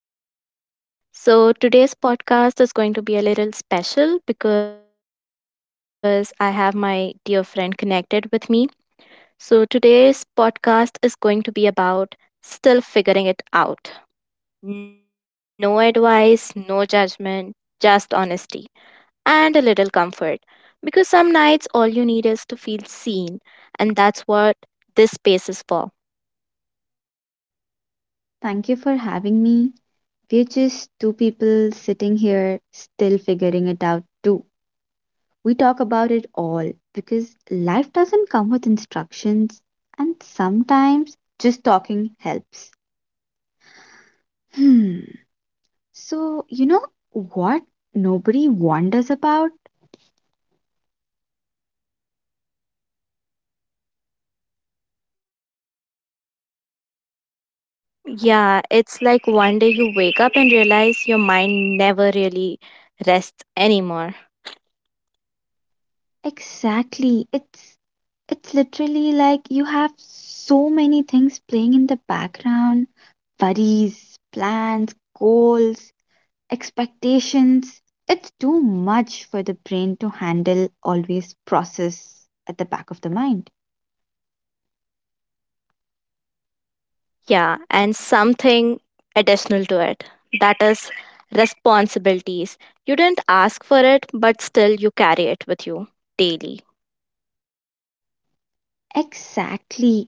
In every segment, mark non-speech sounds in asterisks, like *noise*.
buddies, I hope you all are doing good. So, today's podcast is going to be a little special because I have my dear friend connected with me. So, today's podcast is going to be about still figuring it out. No advice, no judgment, just honesty and a little comfort. Because some nights all you need is to feel seen, and that's what this space is for. Thank you for having me. We're just two people sitting here still figuring it out, too. We talk about it all because life doesn't come with instructions, and sometimes just talking helps. Hmm. So, you know what nobody wonders about? Yeah, it's like one day you wake up and realize your mind never really rests anymore. Exactly. It's literally like you have so many things playing in the background, worries, plans, goals, expectations. It's too much for the brain to handle, always process at the back of the mind. Yeah, and something additional to it that is responsibilities. You didn't ask for it, but still you carry it with you daily. Exactly.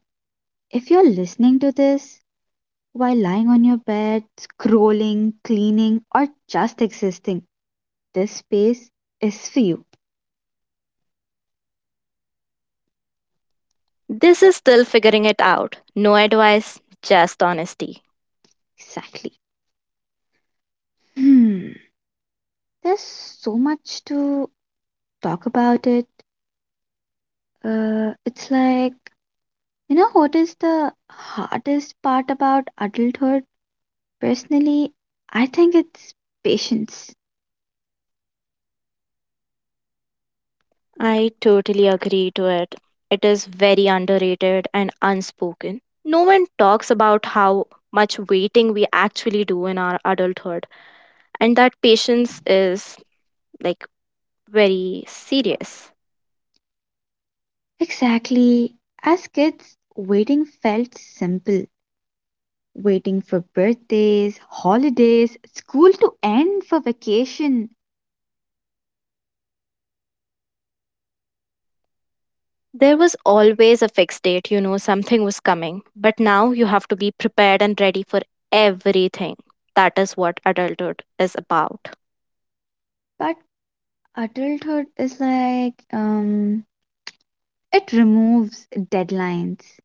If you're listening to this while lying on your bed, scrolling, cleaning, or just existing, this space is for you. This is still figuring it out. No advice, just honesty. Exactly. Hmm. There's so much to talk about it. It's like, you know, what is the hardest part about adulthood? Personally, I think it's patience. I totally agree to it. It is very underrated and unspoken. No one talks about how much waiting we actually do in our adulthood, and that patience is like very serious. Exactly. As kids, waiting felt simple. Waiting for birthdays, holidays, school to end for vacation. There was always a fixed date, you know, something was coming, but now you have to be prepared and ready for everything. That is what adulthood is about. But adulthood is like, it removes deadlines.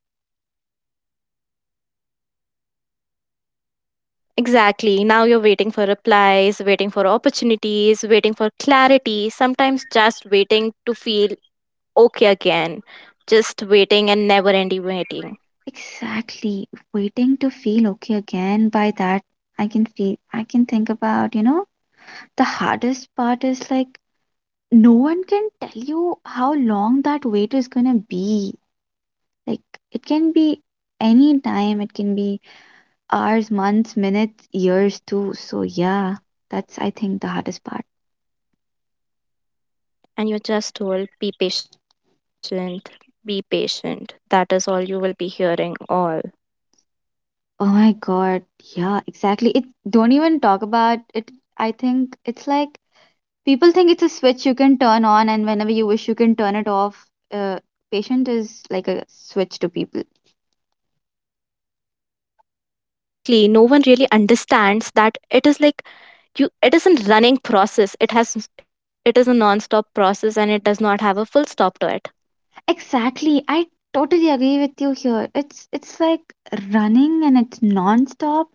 Exactly. Now you're waiting for replies, waiting for opportunities, waiting for clarity, sometimes just waiting to feel okay again, just waiting and never ending waiting. Exactly. Waiting to feel okay again by that. I can feel, I can think about, you know, the hardest part is like no one can tell you how long that wait is gonna be. Like it can be any time, it can be hours, months, minutes, years too. So yeah, that's I think the hardest part. And you're just told, be patient, be patient. That is all you will be hearing all. Oh my god, yeah, exactly. It don't even talk about it. I think it's like people think it's a switch you can turn on and whenever you wish you can turn it off. Uh, Patient is like a switch to people. Exactly. No one really understands that it is like you, it is isn't running process. It has it is a non-stop process, and it does not have a full stop to it. Exactly. I totally agree with you here. It's like running and it's non-stop.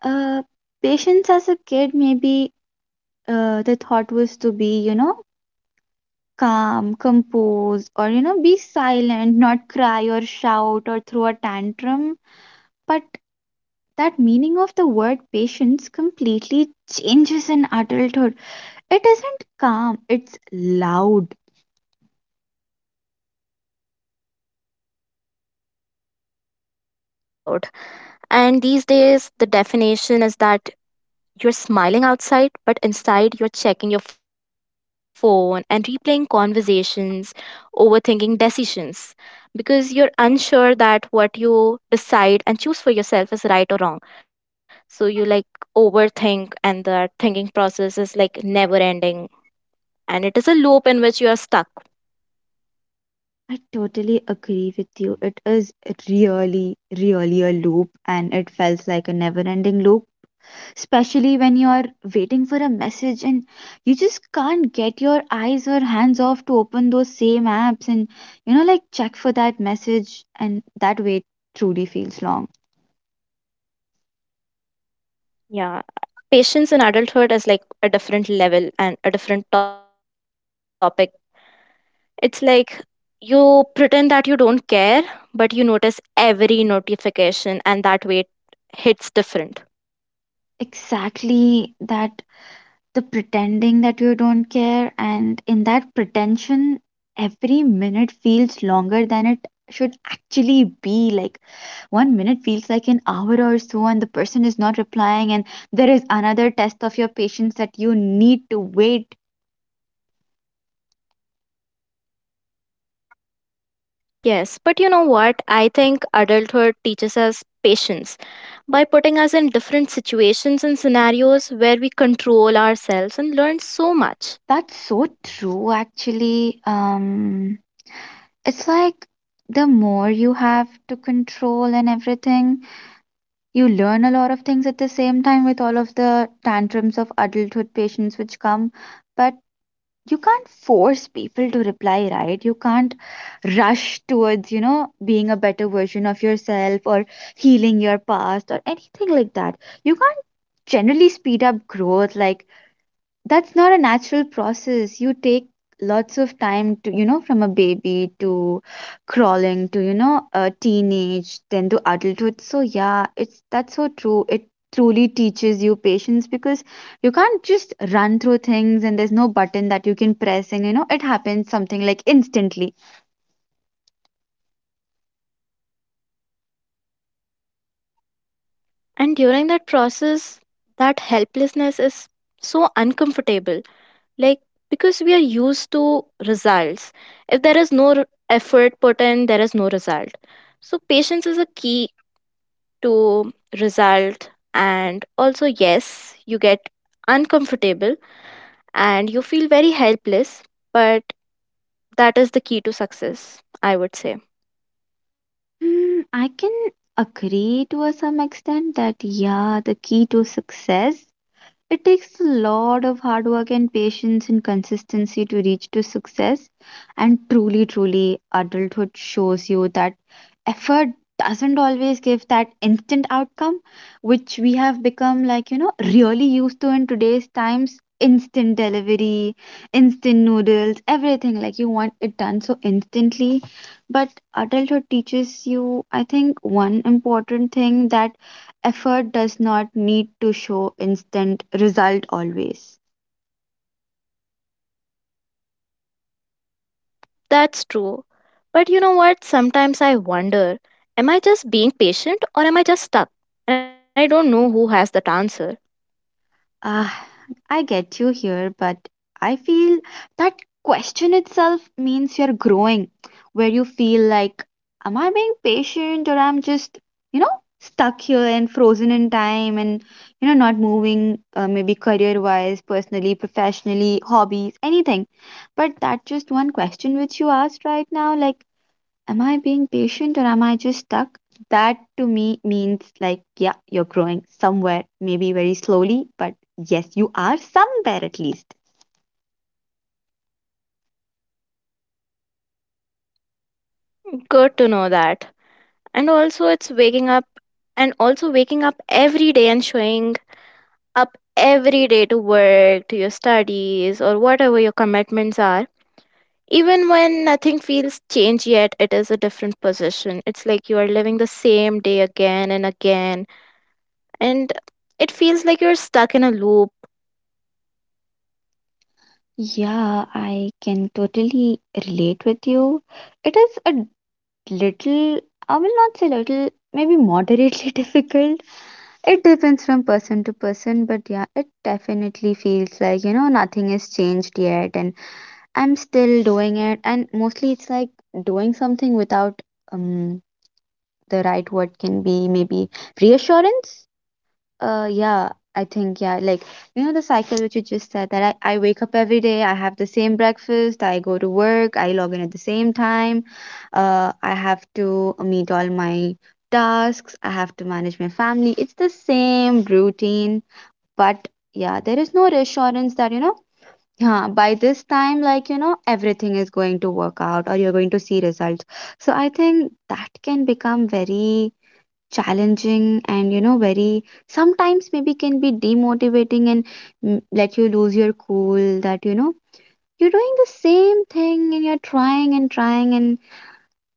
Uh, Patience as a kid, maybe the thought was to be, you know, calm, composed, or you know, be silent, not cry or shout or throw a tantrum. But that meaning of the word patience completely changes in adulthood. It isn't calm, it's loud. Yeah, it's very loud. And these days the definition is that you're smiling outside, but inside you're checking your phone and replaying conversations, overthinking decisions, because you're unsure that what you decide and choose for yourself is right or wrong. So you like overthink, and the thinking process is like never ending, and it is a loop in which you are stuck. I totally agree with you. It is really, really a loop, and it felt like a never ending loop, especially when you're waiting for a message and you just can't get your eyes or hands off to open those same apps and, you know, like check for that message. And that wait truly feels long. Yeah, patience in adulthood is like a different level and a different topic. It's like you pretend that you don't care, but you notice every notification, and that weight hits different. Exactly, that the pretending that you don't care and in that pretension every minute feels longer than it should actually be like 1 minute feels like an hour or so and the person is not replying and there is another test of your patience that you need to wait. Yes, but you know what? I think adulthood teaches us patience by putting us in different situations and scenarios where we control ourselves and learn so much. That's so true actually. It's like the more you have to control and everything. You learn a lot of things at the same time with all of the tantrums of adulthood patients which come, but you can't force people to reply, right? You can't rush towards, you know, being a better version of yourself or healing your past or anything like that. You can't generally speed up growth. Like that's not a natural process. You take lots of time to, you know, from a baby to crawling to, you know, a teenage then to adulthood. So yeah, it's that's so true. It truly teaches you patience because you can't just run through things and there's no button that you can press and, you know, it happens something like instantly. And during that process, that helplessness is so uncomfortable, like, because we are used to results. If there is no effort put in, there is no result. So patience is a key to result. And also yes, you get uncomfortable and you feel very helpless, but that is the key to success, I would say. Hmm, I can agree to a some extent that yeah the key to success. It takes a lot of hard work and patience and consistency to reach to success. And truly, truly, adulthood shows you that effort doesn't always give that instant outcome, which we have become like, you know, really used to in today's times. Instant delivery, instant noodles, everything like you want it done so instantly. But adulthood teaches you, I think, one important thing that effort does not need to show instant result always. That's true, but you know what? Sometimes I wonder, am I just being patient or am I just stuck? And I don't know who has that answer. Ah, I get you here, but I feel that question itself means you're growing, where you feel like, am I being patient or I'm just, you know, stuck here and frozen in time and, you know, not moving, maybe career wise, personally, professionally, hobbies, anything. But that just one question which you asked right now, like, am I being patient or am I just stuck? That to me means like, yeah, you're growing somewhere, maybe very slowly, but yes, you are somewhere at least. Good to know that. And also it's waking up, and also waking up every day and showing up every day to work, to your studies, or whatever your commitments are, even when nothing feels changed yet. It is a different position. It's like you are living the same day again and again, and it feels like you're stuck in a loop. Yeah, I can totally relate with you. It is a little, I will not say little, maybe moderately *laughs* difficult. It depends from person to person, but yeah, it definitely feels like, you know, nothing has changed yet and I'm still doing it. And mostly it's like doing something without um the right word can be maybe reassurance. Yeah, I think, yeah, like, you know, the cycle which you just said that I wake up every day, I have the same breakfast, I go to work, I log in at the same time, I have to meet all my tasks, I have to manage my family. It's the same routine, but yeah, there is no reassurance that, you know, yeah, by this time, like, you know, everything is going to work out or you're going to see results. So I think that can become very challenging and you know very sometimes maybe can be demotivating and let you lose your cool that you know you're doing the same thing and you're trying and trying and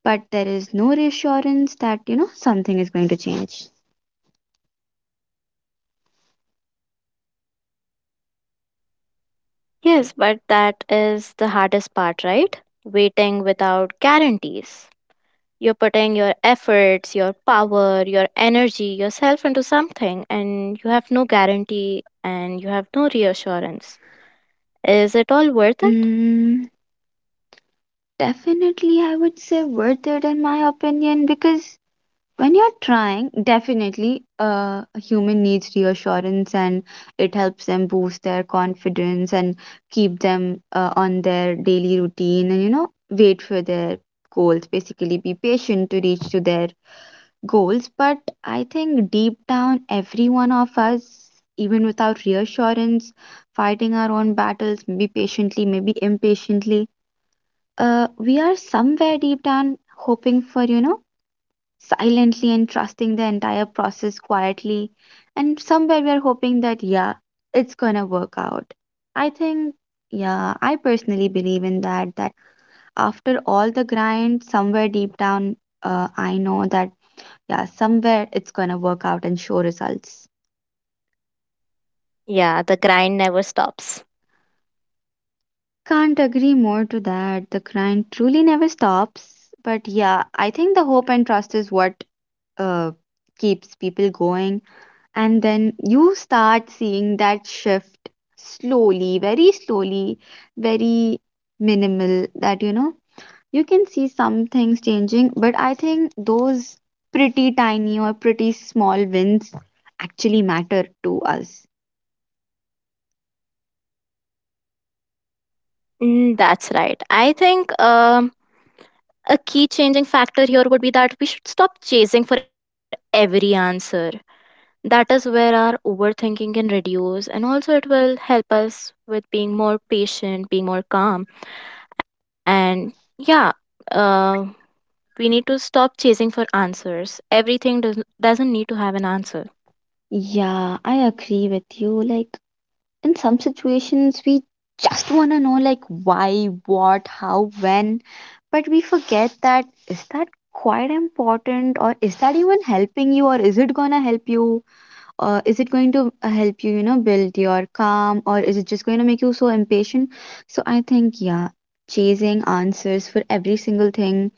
but there is no reassurance that you know something is going to change. Yes, but that is the hardest part, right? Waiting without guarantees. You're putting your efforts, your power, your energy, yourself into something, and you have no guarantee and you have no reassurance. Is it all worth it? Mm, definitely I would say worth it in my opinion because when you're trying definitely, a human needs reassurance and it helps them boost their confidence and keep them on their daily routine and you know wait for their goals, basically be patient to reach to their goals. But I think deep down every one of us, even without reassurance, fighting our own battles, maybe patiently, maybe impatiently, we are somewhere deep down hoping for, you know, silently and trusting the entire process quietly. And somewhere we are hoping that, yeah, it's gonna work out. I think, yeah, I personally believe in that, that after all the grind, somewhere deep down, I know that, yeah, somewhere it's gonna work out and show results. Yeah, the grind never stops. Can't agree more to that. The grind truly never stops. But yeah, I think the hope and trust is what uh, keeps people going and then you start seeing that shift slowly, very slowly, very minimal, that you know you can see some things changing. But I think those pretty tiny or pretty small wins actually matter to us. Mm, that's right. I think a key changing factor here would be that we should stop chasing for every answer. That is where our overthinking can reduce, and also it will help us with being more patient, being more calm, and yeah, uh, we need to stop chasing for answers. Everything doesn't need to have an answer. Yeah, I agree with you. Like, in some situations we just want to know like why, what, how, when, but we forget that is that quite important or is that even helping you or is it going to help you or is it going to help you, you know, build your calm or is it just going to make you so impatient. So I think, yeah, chasing answers for every single thing,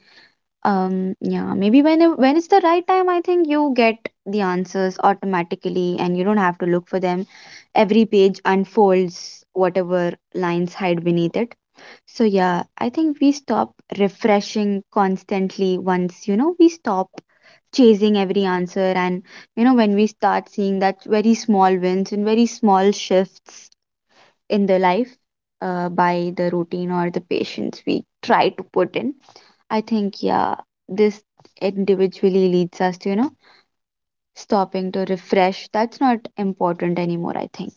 yeah, maybe when it's the right time, I think you get the answers automatically, and you don't have to look for them. Every page unfolds whatever lines hide beneath it. So yeah, I think we stop refreshing constantly once, you know, we stop chasing every answer, and you know, when we start seeing that very small wins and very small shifts in the life, by the routine or the patience we try to put in. I think, yeah, this individually leads us to, you know, stopping to refresh. That's not important anymore, I think.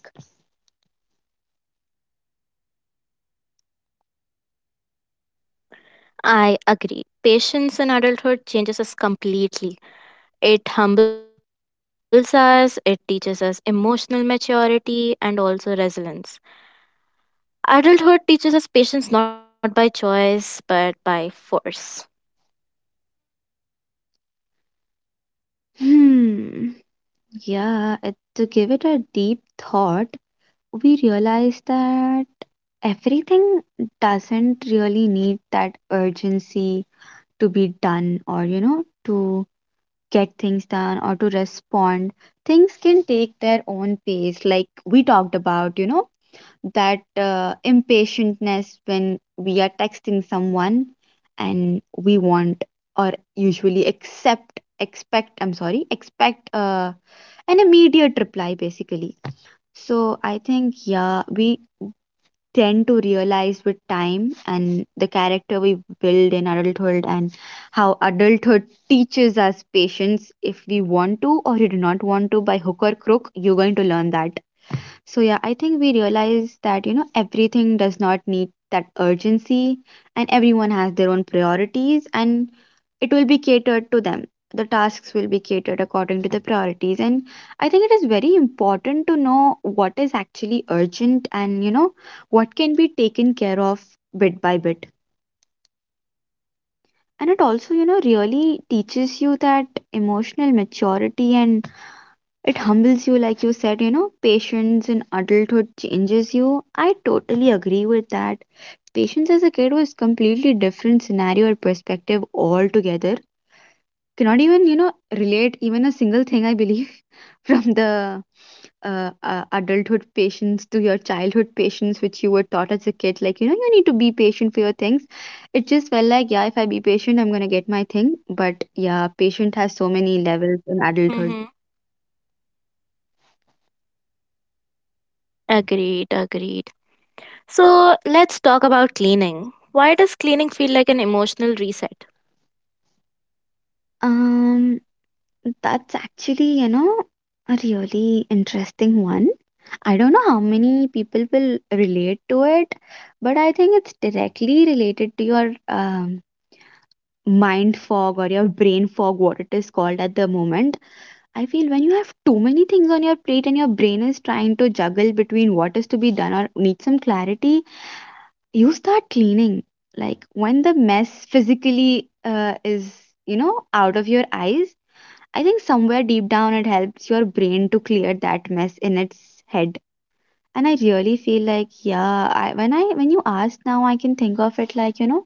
I agree. Patience in adulthood changes us completely. It humbles us, it teaches us emotional maturity and also resilience. Adulthood teaches us patience not by choice but by force. Hmm. Yeah, it, to give it a deep thought, we realize that everything doesn't really need that urgency to be done or, you know, to get things done or to respond. Things can take their own pace, like we talked about, you know, that impatientness when we are texting someone and we want or usually accept expect I'm sorry, expect an immediate reply basically. So I think, yeah, we tend to realize with time and the character we build in adulthood and how adulthood teaches us patience. If we want to or you do not want to, by hook or crook you're going to learn that. So yeah, I think we realize that you know everything does not need that urgency and everyone has their own priorities and it will be catered to them. The tasks will be catered according to the priorities and I think it is very important to know what is actually urgent and you know what can be taken care of bit by bit. And it also, you know, really teaches you that emotional maturity and it humbles you, like you said, you know, patience in adulthood changes you. I totally agree with that. Patience as a kid was completely different scenario or perspective altogether. Cannot even, you know, relate even a single thing, I believe, *laughs* from the adulthood patience to your childhood patience, which you were taught as a kid. Like, you know, you need to be patient for your things. It just felt like, yeah, if I be patient, I'm going to get my thing. But yeah, patient has so many levels in adulthood. Mm-hmm. Agreed, agreed. So let's talk about cleaning. Why does cleaning feel like an emotional reset? Um, That's actually, you know, a really interesting one. I don't know how many people will relate to it, but I think it's directly related to your mind fog or your brain fog, what it is called at the moment. I feel when you have too many things on your plate and your brain is trying to juggle between what is to be done or need some clarity, you start cleaning. Like when the mess physically is, you know, out of your eyes. I think somewhere deep down it helps your brain to clear that mess in its head. And I really feel like, yeah, I when you ask now, I can think of it like, you know,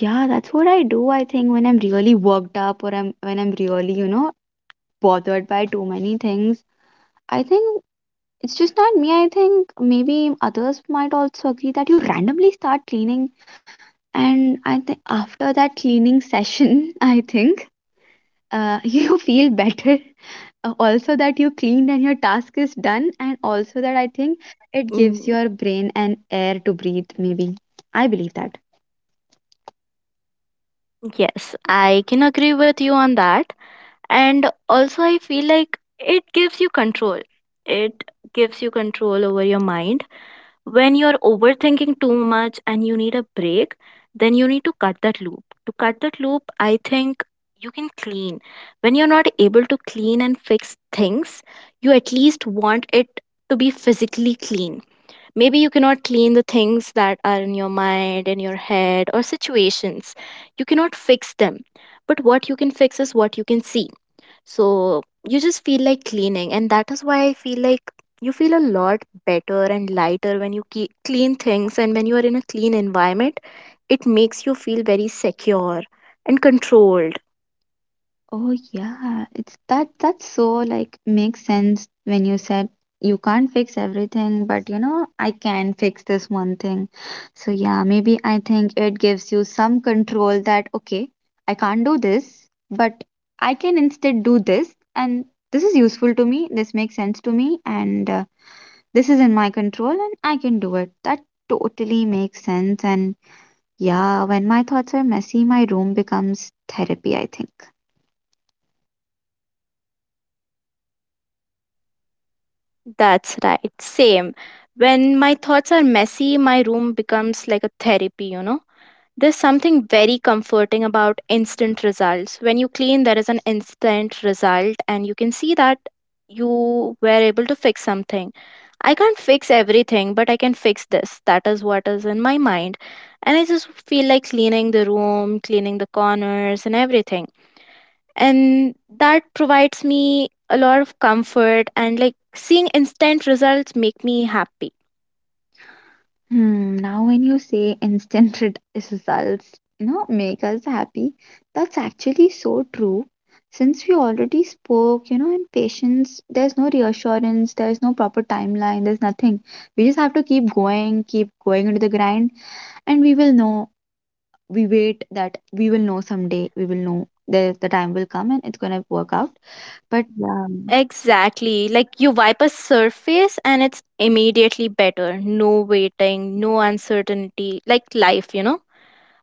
yeah, that's what I do. I think when I'm really worked up or I'm when I'm really, you know, bothered by too many things. I think it's just not me. I think maybe others might also agree that you randomly start cleaning. And I think after that cleaning session, *laughs* I think *laughs* you feel better, also that you cleaned and your task is done, and also that I think it gives Mm, your brain an air to breathe maybe, I believe that. yes, I can agree with you on that. And also I feel like it gives you control. It gives you control over your mind. When you're overthinking too much and you need a break, then you need to cut that loop. To cut that loop, I think you can clean. When you're not able to clean and fix things, you at least want it to be physically clean. Maybe you cannot clean the things that are in your mind, in your head, or situations you cannot fix them. But what you can fix is what you can see. So you just feel like cleaning, and that is why I feel like you feel a lot better and lighter when you clean things, and when you are in a clean environment, it makes you feel very secure and controlled. Oh yeah, it's that that's so like makes sense when you said you can't fix everything, but you know, I can fix this one thing. So yeah, maybe I think it gives you some control that okay, I can't do this, but I can instead do this, and this is useful to me, this makes sense to me, and this is in my control and I can do it. That totally makes sense. And yeah, when my thoughts are messy, my room becomes therapy, I think. That's right. Same. When my thoughts are messy, my room becomes like a therapy, you know? There's something very comforting about instant results. When you clean, there is an instant result, and you can see that you were able to fix something. I can't fix everything, but I can fix this. That is what is in my mind. And I just feel like cleaning the room, cleaning the corners, and everything. And that provides me a lot of comfort, and like seeing instant results make me happy. Hmm, now when you say instant *laughs* results, you know, make us happy, that's actually so true. Since we already spoke, you know, in patience, there's no reassurance, there's no proper timeline, there's nothing. We just have to keep going into the grind, and we will know. We wait that we will know someday. We will know, the time will come and it's gonna work out. But yeah. Exactly. Like you wipe a surface and it's immediately better. No waiting, no uncertainty. Like life, you know,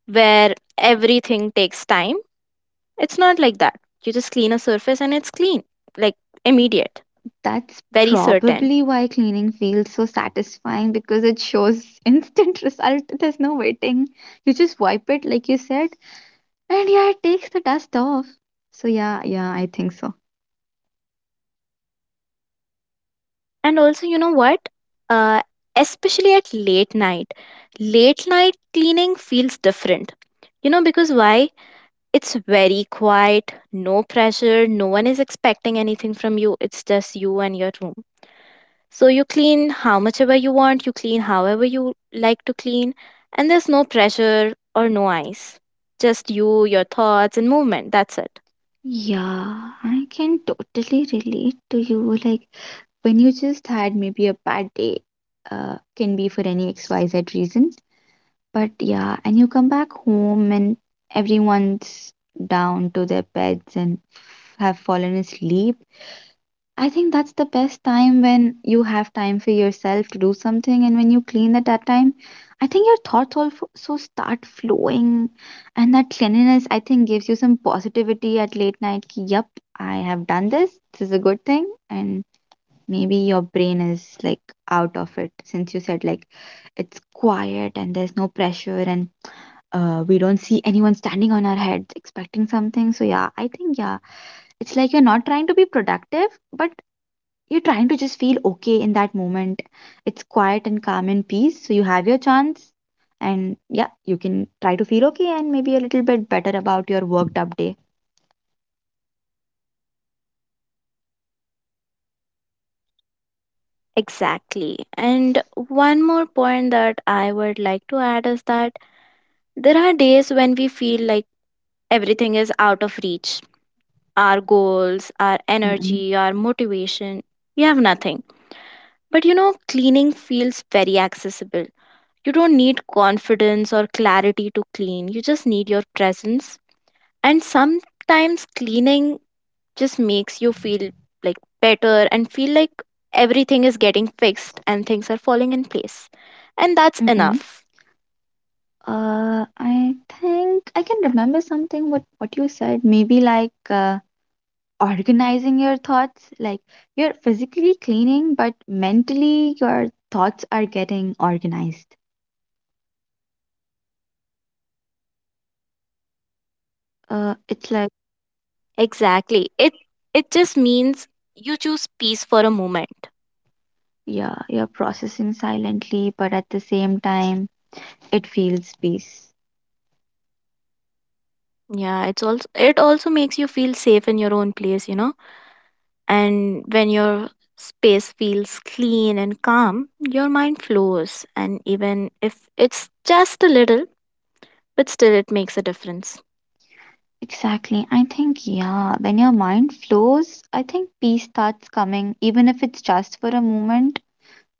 where everything takes time. It's not like that. You just clean a surface and it's clean. Like immediate, That's very certain. probably why cleaning feels so satisfying, because it shows *laughs* instant result. There's no waiting. You just wipe it, like you said, and yeah, it takes the dust off. So, yeah, yeah, I think so. And also, you know what? Uh, especially at late night. Late night cleaning feels different. You know, because why? It's very quiet, no pressure, no one is expecting anything from you. It's just you and your room. So you clean how much ever you want, you clean however you like to clean, and there's no pressure or no ice. Just you, your thoughts, and movement. That's it. Yeah, I can totally relate to you. Like when you just had maybe a bad day, can be for any XYZ reason. But yeah, and you come back home and everyone's down to their beds and have fallen asleep. I think that's the best time when you have time for yourself to do something, and when you clean at that time, I think your thoughts also so start flowing, and that cleanliness I think gives you some positivity at late night. Ki, yep, I have done this. This is a good thing, and maybe your brain is like out of it since you said like it's quiet and there's no pressure, and we don't see anyone standing on our heads expecting something. So yeah, I think yeah, it's like you're not trying to be productive, but you're trying to just feel okay in that moment. It's quiet and calm and peace. So you have your chance. And yeah, you can try to feel okay and maybe a little bit better about your worked up day. Exactly. And one more point that I would like to add is that there are days when we feel like everything is out of reach: our goals, our Mm-mm. energy, our motivation. We have nothing. But cleaning feels very accessible. You don't need confidence or clarity to clean, you just need your presence. And sometimes cleaning just makes you feel like better and feel like everything is getting fixed and things are falling in place, and that's Mm-mm. enough. I think I can remember something what you said. Maybe like organizing your thoughts. Like you're physically cleaning, but mentally your thoughts are getting organized. It's like Exactly, it just means you choose peace for a moment. yeah, you're processing silently, but at the same time it feels peace. Yeah, it also makes you feel safe in your own place, you know? And when your space feels clean and calm, your mind flows, and even if it's just a little, but still it makes a difference. Exactly. I think, yeah, when your mind flows, I think peace starts coming, even if it's just for a moment.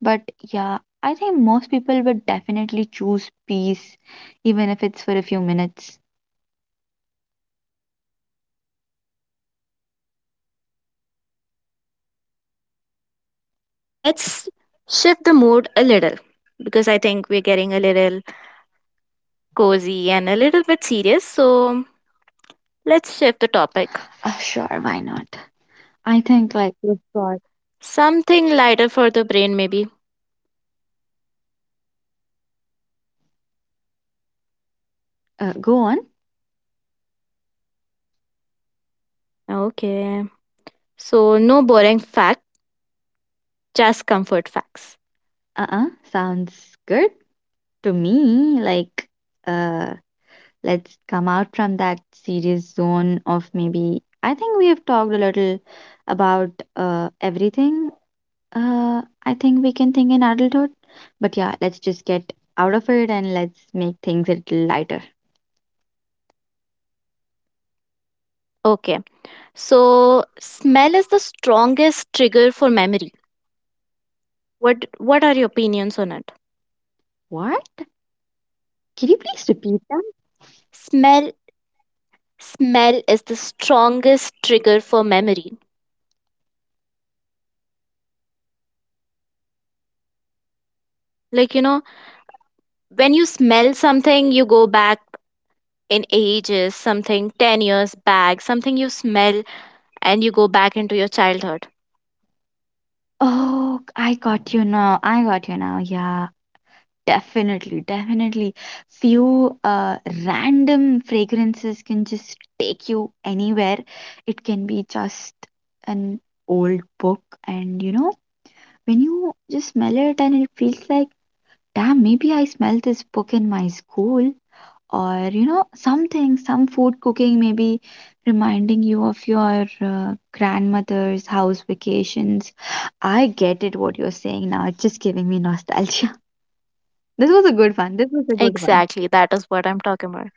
But yeah, I think most people would definitely choose peace, even if it's for a few minutes. Okay, so let's shift the mood a little because I think we're getting a little cozy and a little bit serious. So let's shift the topic. Sure, why not? I think like we've got. Something lighter for the brain, maybe. Go on. Okay, so no boring fact, just comfort facts. Uh, sounds good to me. Like, uh, let's come out from that serious zone of maybe. I think we have talked a little about everything. I think we can think in adulthood. But yeah, let's just get out of it and let's make things a little lighter. Okay, so smell is the strongest trigger for memory. What are your opinions on it? What? Can you please repeat that? Smell smell is the strongest trigger for memory. Like when you smell something, you go back in ages, something 10 years back, something you smell and you go back into your childhood. Oh, I got you now. I got you now. Yeah. Definitely, definitely. Few random fragrances can just take you anywhere. It can be just an old book, and you know, when you just smell it and it feels like, damn, maybe I smell this book in my school, or you know, something, some food cooking, maybe reminding you of your grandmother's house vacations. I get it what you're saying now. It's just giving me nostalgia. *laughs* This was a good one. This was a good one. Exactly, that is what I'm talking about.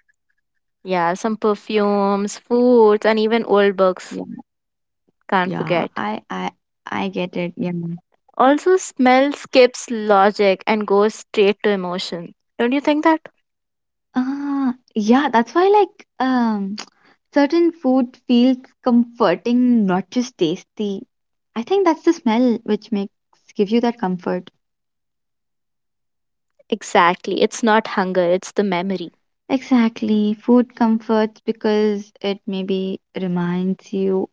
Yeah, some perfumes, foods, and even old books. Yeah, Can't yeah, forget. I get it. Yeah. Also, smell skips logic and goes straight to emotion. Don't you think that? Ah, yeah, that's why like *tsk* certain food feels comforting, not just tasty. I think that's the smell which makes gives you that comfort. Exactly. It's not hunger, it's the memory. Exactly. Food comforts because it maybe reminds you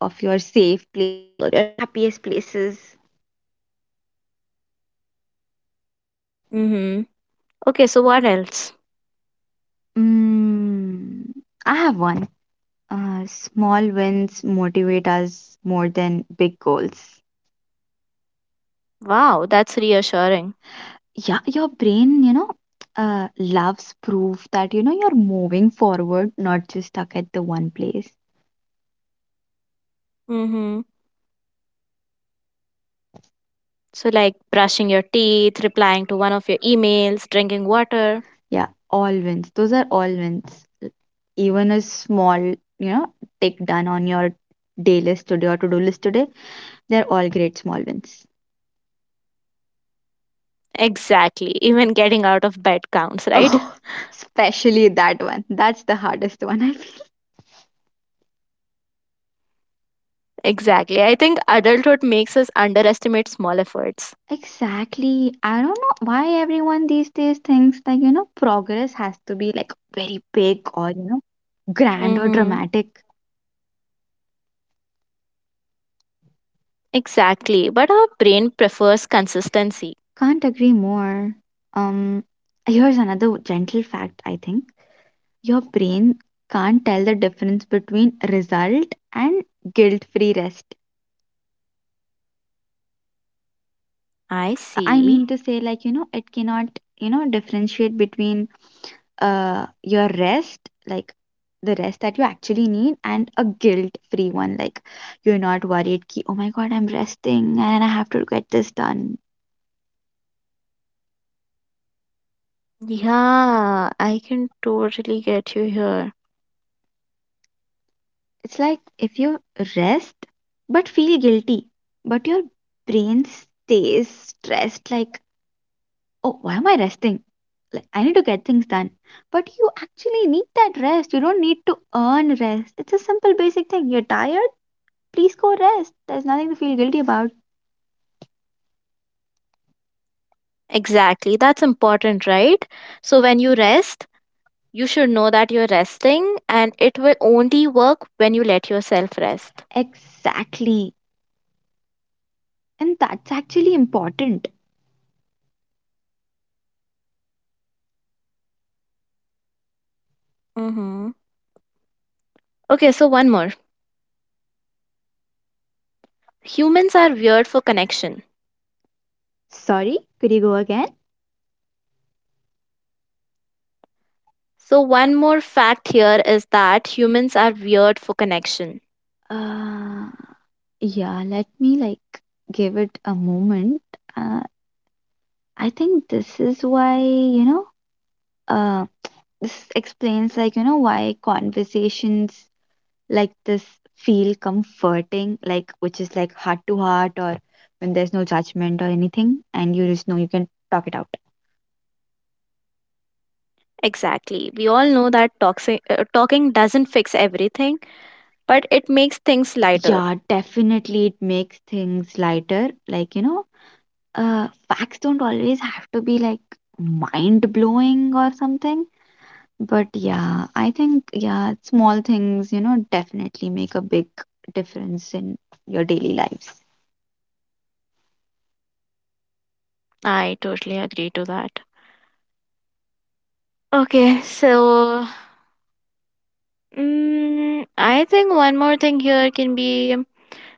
Mm-hmm. Okay, so what else? moments motivate us more than big goals. Wow, that's reassuring. Yeah, your brain, you know, loves proof that, you know, you're moving forward, not just stuck at the one place. Mm-hmm. So, like brushing your teeth, replying to one of your emails, drinking water. Yeah, all wins. Those are all wins. Even a small, you know, tick done on your day list today or to do list today, they're all great small. Exactly. Even getting out of bed counts, right? Oh, especially that one. That's the hardest one, I feel. Exactly. I think adulthood makes us underestimate small efforts. Exactly. I don't know why everyone these days thinks like, you know, progress has to be like very big or, you know, grand or Mm-hmm. dramatic. Exactly. But our brain prefers consistency. Can't agree more. Um, Here's another gentle fact, I think. Your brain can't tell the difference between result and guilt-free rest. I I see. mean to say like, you know, it cannot, you know, differentiate between your rest, like the rest that you actually need, and a guilt free one. Like you're not worried, ki, oh my god, I'm resting and I have to get this done. Yeah, I can totally get you here. It's like if you rest but feel guilty, but your brain stays stressed, like, oh, why am I resting? Like, I need to get things done. But you actually need that rest. You don't need to earn rest. It's a simple, basic thing. You're tired, please go rest. There's nothing to feel guilty about. Exactly. That's important, right? So when you rest, you should know that you're resting and it will only work when you let yourself rest. Exactly. And that's actually important. Mm-hmm. Okay, so one more. Humans are weird for connection. Sorry, could you go again? So one more fact here is that humans are weird for connection. Uh, yeah, let me like give it a moment. Uh, I think this is why, you know, uh, this explains like, you know, why conversations like this feel comforting, like, which is like heart to heart, or when there's no judgment or anything, and you just know you can talk it out. Exactly. We all know that toxic, talking doesn't fix everything, but it makes things lighter. Yeah, definitely it makes things lighter. Like, you know, uh, facts don't always have to be like mind blowing or something. But yeah, I think, yeah, small things, you know, definitely make a big difference in your daily lives. I totally agree to that. Okay, so I think one more thing here can be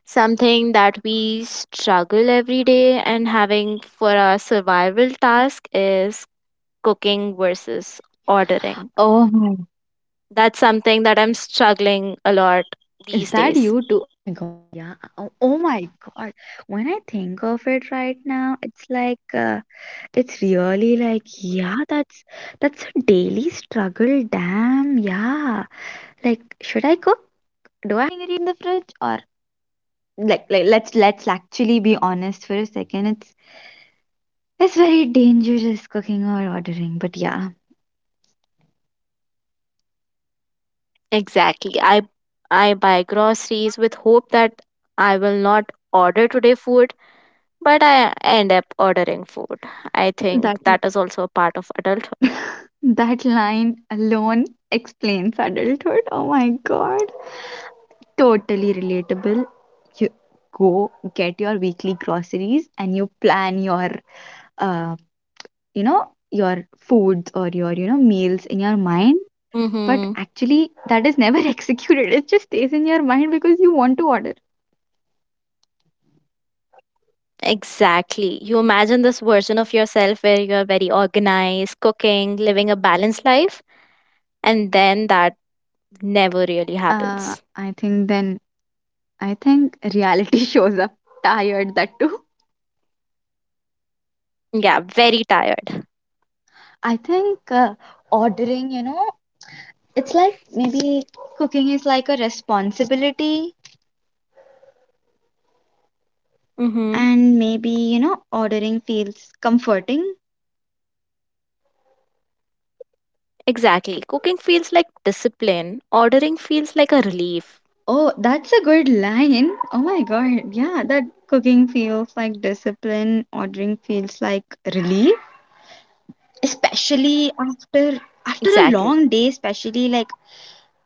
something that we struggle every day and having for our survival task is cooking versus ordering. Oh my, That's something that I'm struggling a lot is these that days. cooking or ordering, but yeah, Exactly. I buy groceries with hope that I will not order today food, but I end up ordering food. that I think that is also a part of adulthood. that line alone explains adulthood. Oh my god. Totally relatable. You go get your weekly groceries and you plan your uh, you know, your foods or your you know meals in your mind, but Mm-hmm. actually that is never *laughs* executed, it just stays in your mind because you want to order. Exactly. You imagine this version of yourself where you are very organized, cooking, living a balanced life, and then that never really happens. I think then I think reality *laughs* shows up tired, that too. Yeah, very tired. I think ordering you know, it's like maybe cooking is like a responsibility, Mm-hmm. and maybe, you know, ordering feels comforting. Exactly. Cooking feels like discipline, ordering feels like a relief. Oh, that's a good line. Oh my god. Yeah, that cooking feels like discipline, ordering feels like relief, especially after, after a Exactly. long day, especially like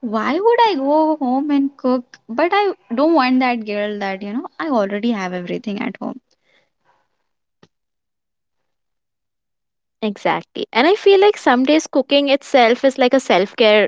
why would I go home and cook? But I don't want that girl that, you know, I already have everything at home. Exactly. And I feel like some days cooking itself is like a self care,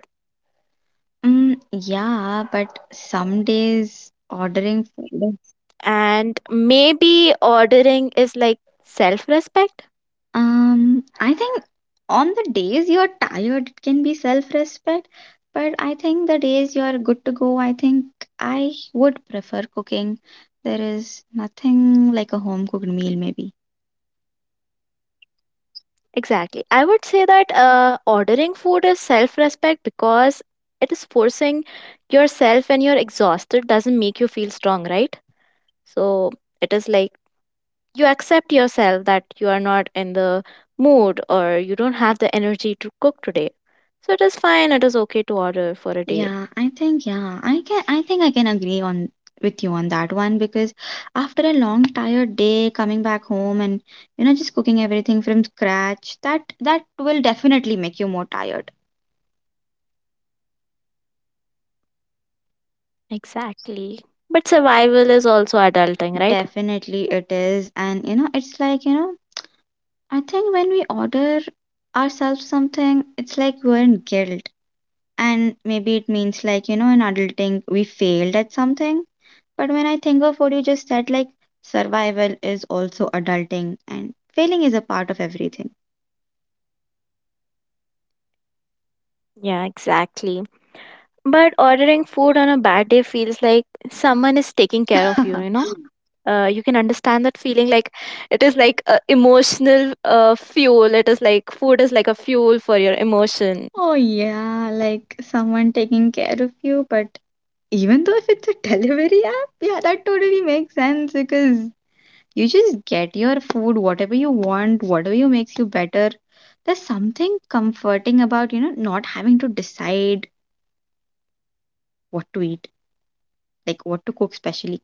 Mm, yeah, but some days ordering food. and maybe ordering is like self respect. I think on the days you're tired, it can be self respect. But I think the days you're good to go, I think I would prefer cooking. There is nothing like a home cooked meal, maybe. Exactly. I would say that ordering food is self respect because it is forcing yourself when you're exhausted, doesn't make you feel strong, right? So it is like you accept yourself that you are not in the mood or you don't have the energy to cook today. So it is fine, it is okay to order for a day. Yeah, I think, yeah, I can, I think I can agree on with you on that one, because after a long tired day coming back home and you know just cooking everything from scratch, that that will definitely make you more tired. Exactly. But survival is also adulting, right? Definitely it is, and you know it's like you know, I think when we order ourselves something, it's like we're in guilt. And maybe it means like, you know, in adulting, we failed at something. But when I think of what you just said, like survival is also adulting and failing is a part of everything. Yeah, exactly. But ordering food on a bad day feels like someone is taking care of you, you *laughs* know? You can understand that feeling like it is like a emotional fuel. It is like food is like a fuel for your emotion. Oh, yeah, like someone taking care of you. But even though if it's a *laughs* delivery app, yeah, that totally makes sense because you just get your food, whatever you want, whatever you makes you better. There's something comforting about, you know, not having to decide what to eat, like what to cook specially.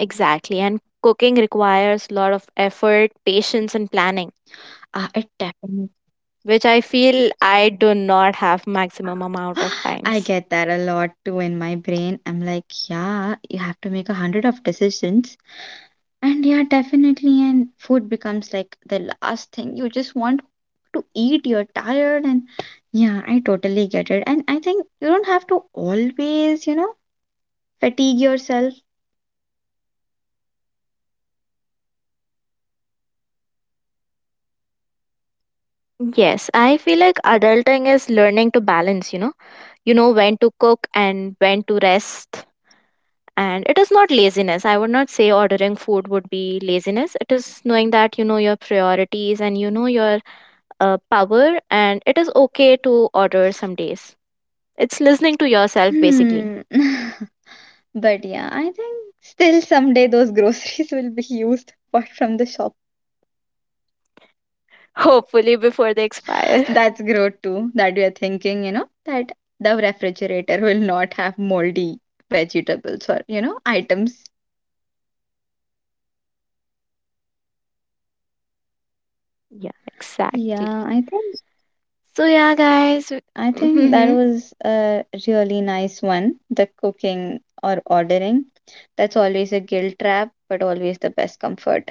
Exactly. And cooking requires a lot of effort, patience, and planning, Ah, it definitely. which I feel I do not have maximum amount of *gasps* I times. get that a lot too in my brain. I'm like, yeah, you have to make 100 of decisions. And yeah, definitely. And food becomes like the last thing you just want to eat. You're tired. And yeah, I totally get it. And I think you don't have to always, you know, fatigue yourself. Yes, I feel like adulting is learning to balance, you know? You know when to cook and when to rest. And it is not laziness. I would not say ordering food would be laziness. It is knowing that you know your priorities, and you know your power. And it is okay to order some days. It's listening to yourself, basically. Hmm. *laughs* But yeah, I think still someday those *laughs* groceries will be used apart from the shop. Hopefully before they expire. That's growth too, that we are thinking, you know, that the refrigerator will not have moldy vegetables or, you know, items. *laughs* Yeah, exactly. Yeah, I think, So, yeah, guys. I think that Hmm. was a really nice one, the cooking or ordering. That's always a guilt trap, but always the best comfort.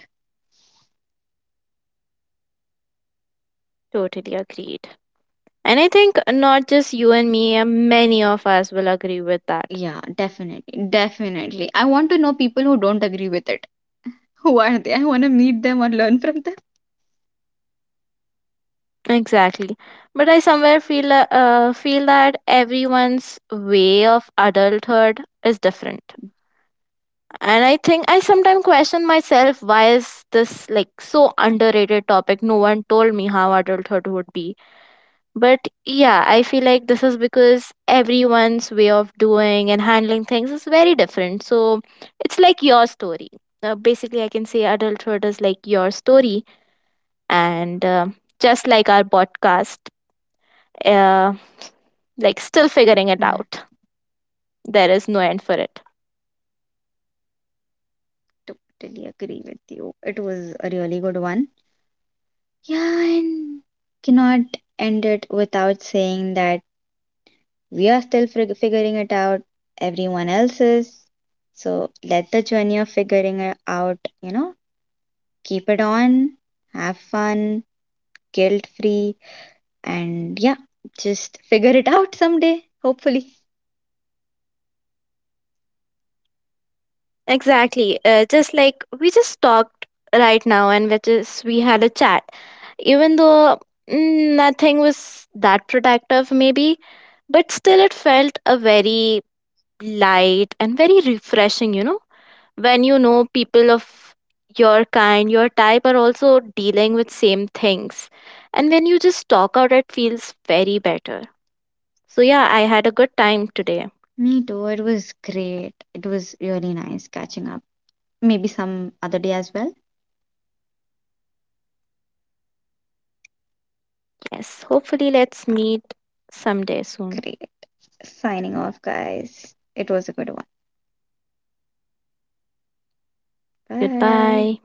Totally agreed. And I think not just you and me, many of us will agree with that. Yeah, definitely. Definitely. I want to know people who don't agree with it. *laughs* Who are they? I want to meet them or learn from them. Exactly. But I somewhere feel that everyone's way of adulthood is different. And I think I sometimes question myself, why is this like so underrated topic? No one told me how adulthood would be. But yeah, I feel like this is because everyone's way of doing and handling things is very different. So it's like your story. Basically, I can say adulthood is like your story and just like our podcast, uh, like still figuring it Mm, out. There is no end for it. totally agree with you. It was a really good one. Yeah, and cannot end it without saying that we are still figuring it out. Everyone else is. So let the journey of figuring it out, you know, keep it on, have fun, guilt free, and yeah, just figure it out someday, hopefully. Exactly. Just like we just talked right now, and which is we had a chat, even though nothing was that protective, maybe, but still it felt a very light and very refreshing, when you know people of your kind, your type are also dealing with same things. And when you just talk out, it feels very better. So, yeah, I had a good time Me today. too. It was great. It was really nice catching up. Maybe some other day as well. Yes, hopefully, let's meet Great. someday soon. Signing off, guys. It was a good one. Bye. Goodbye.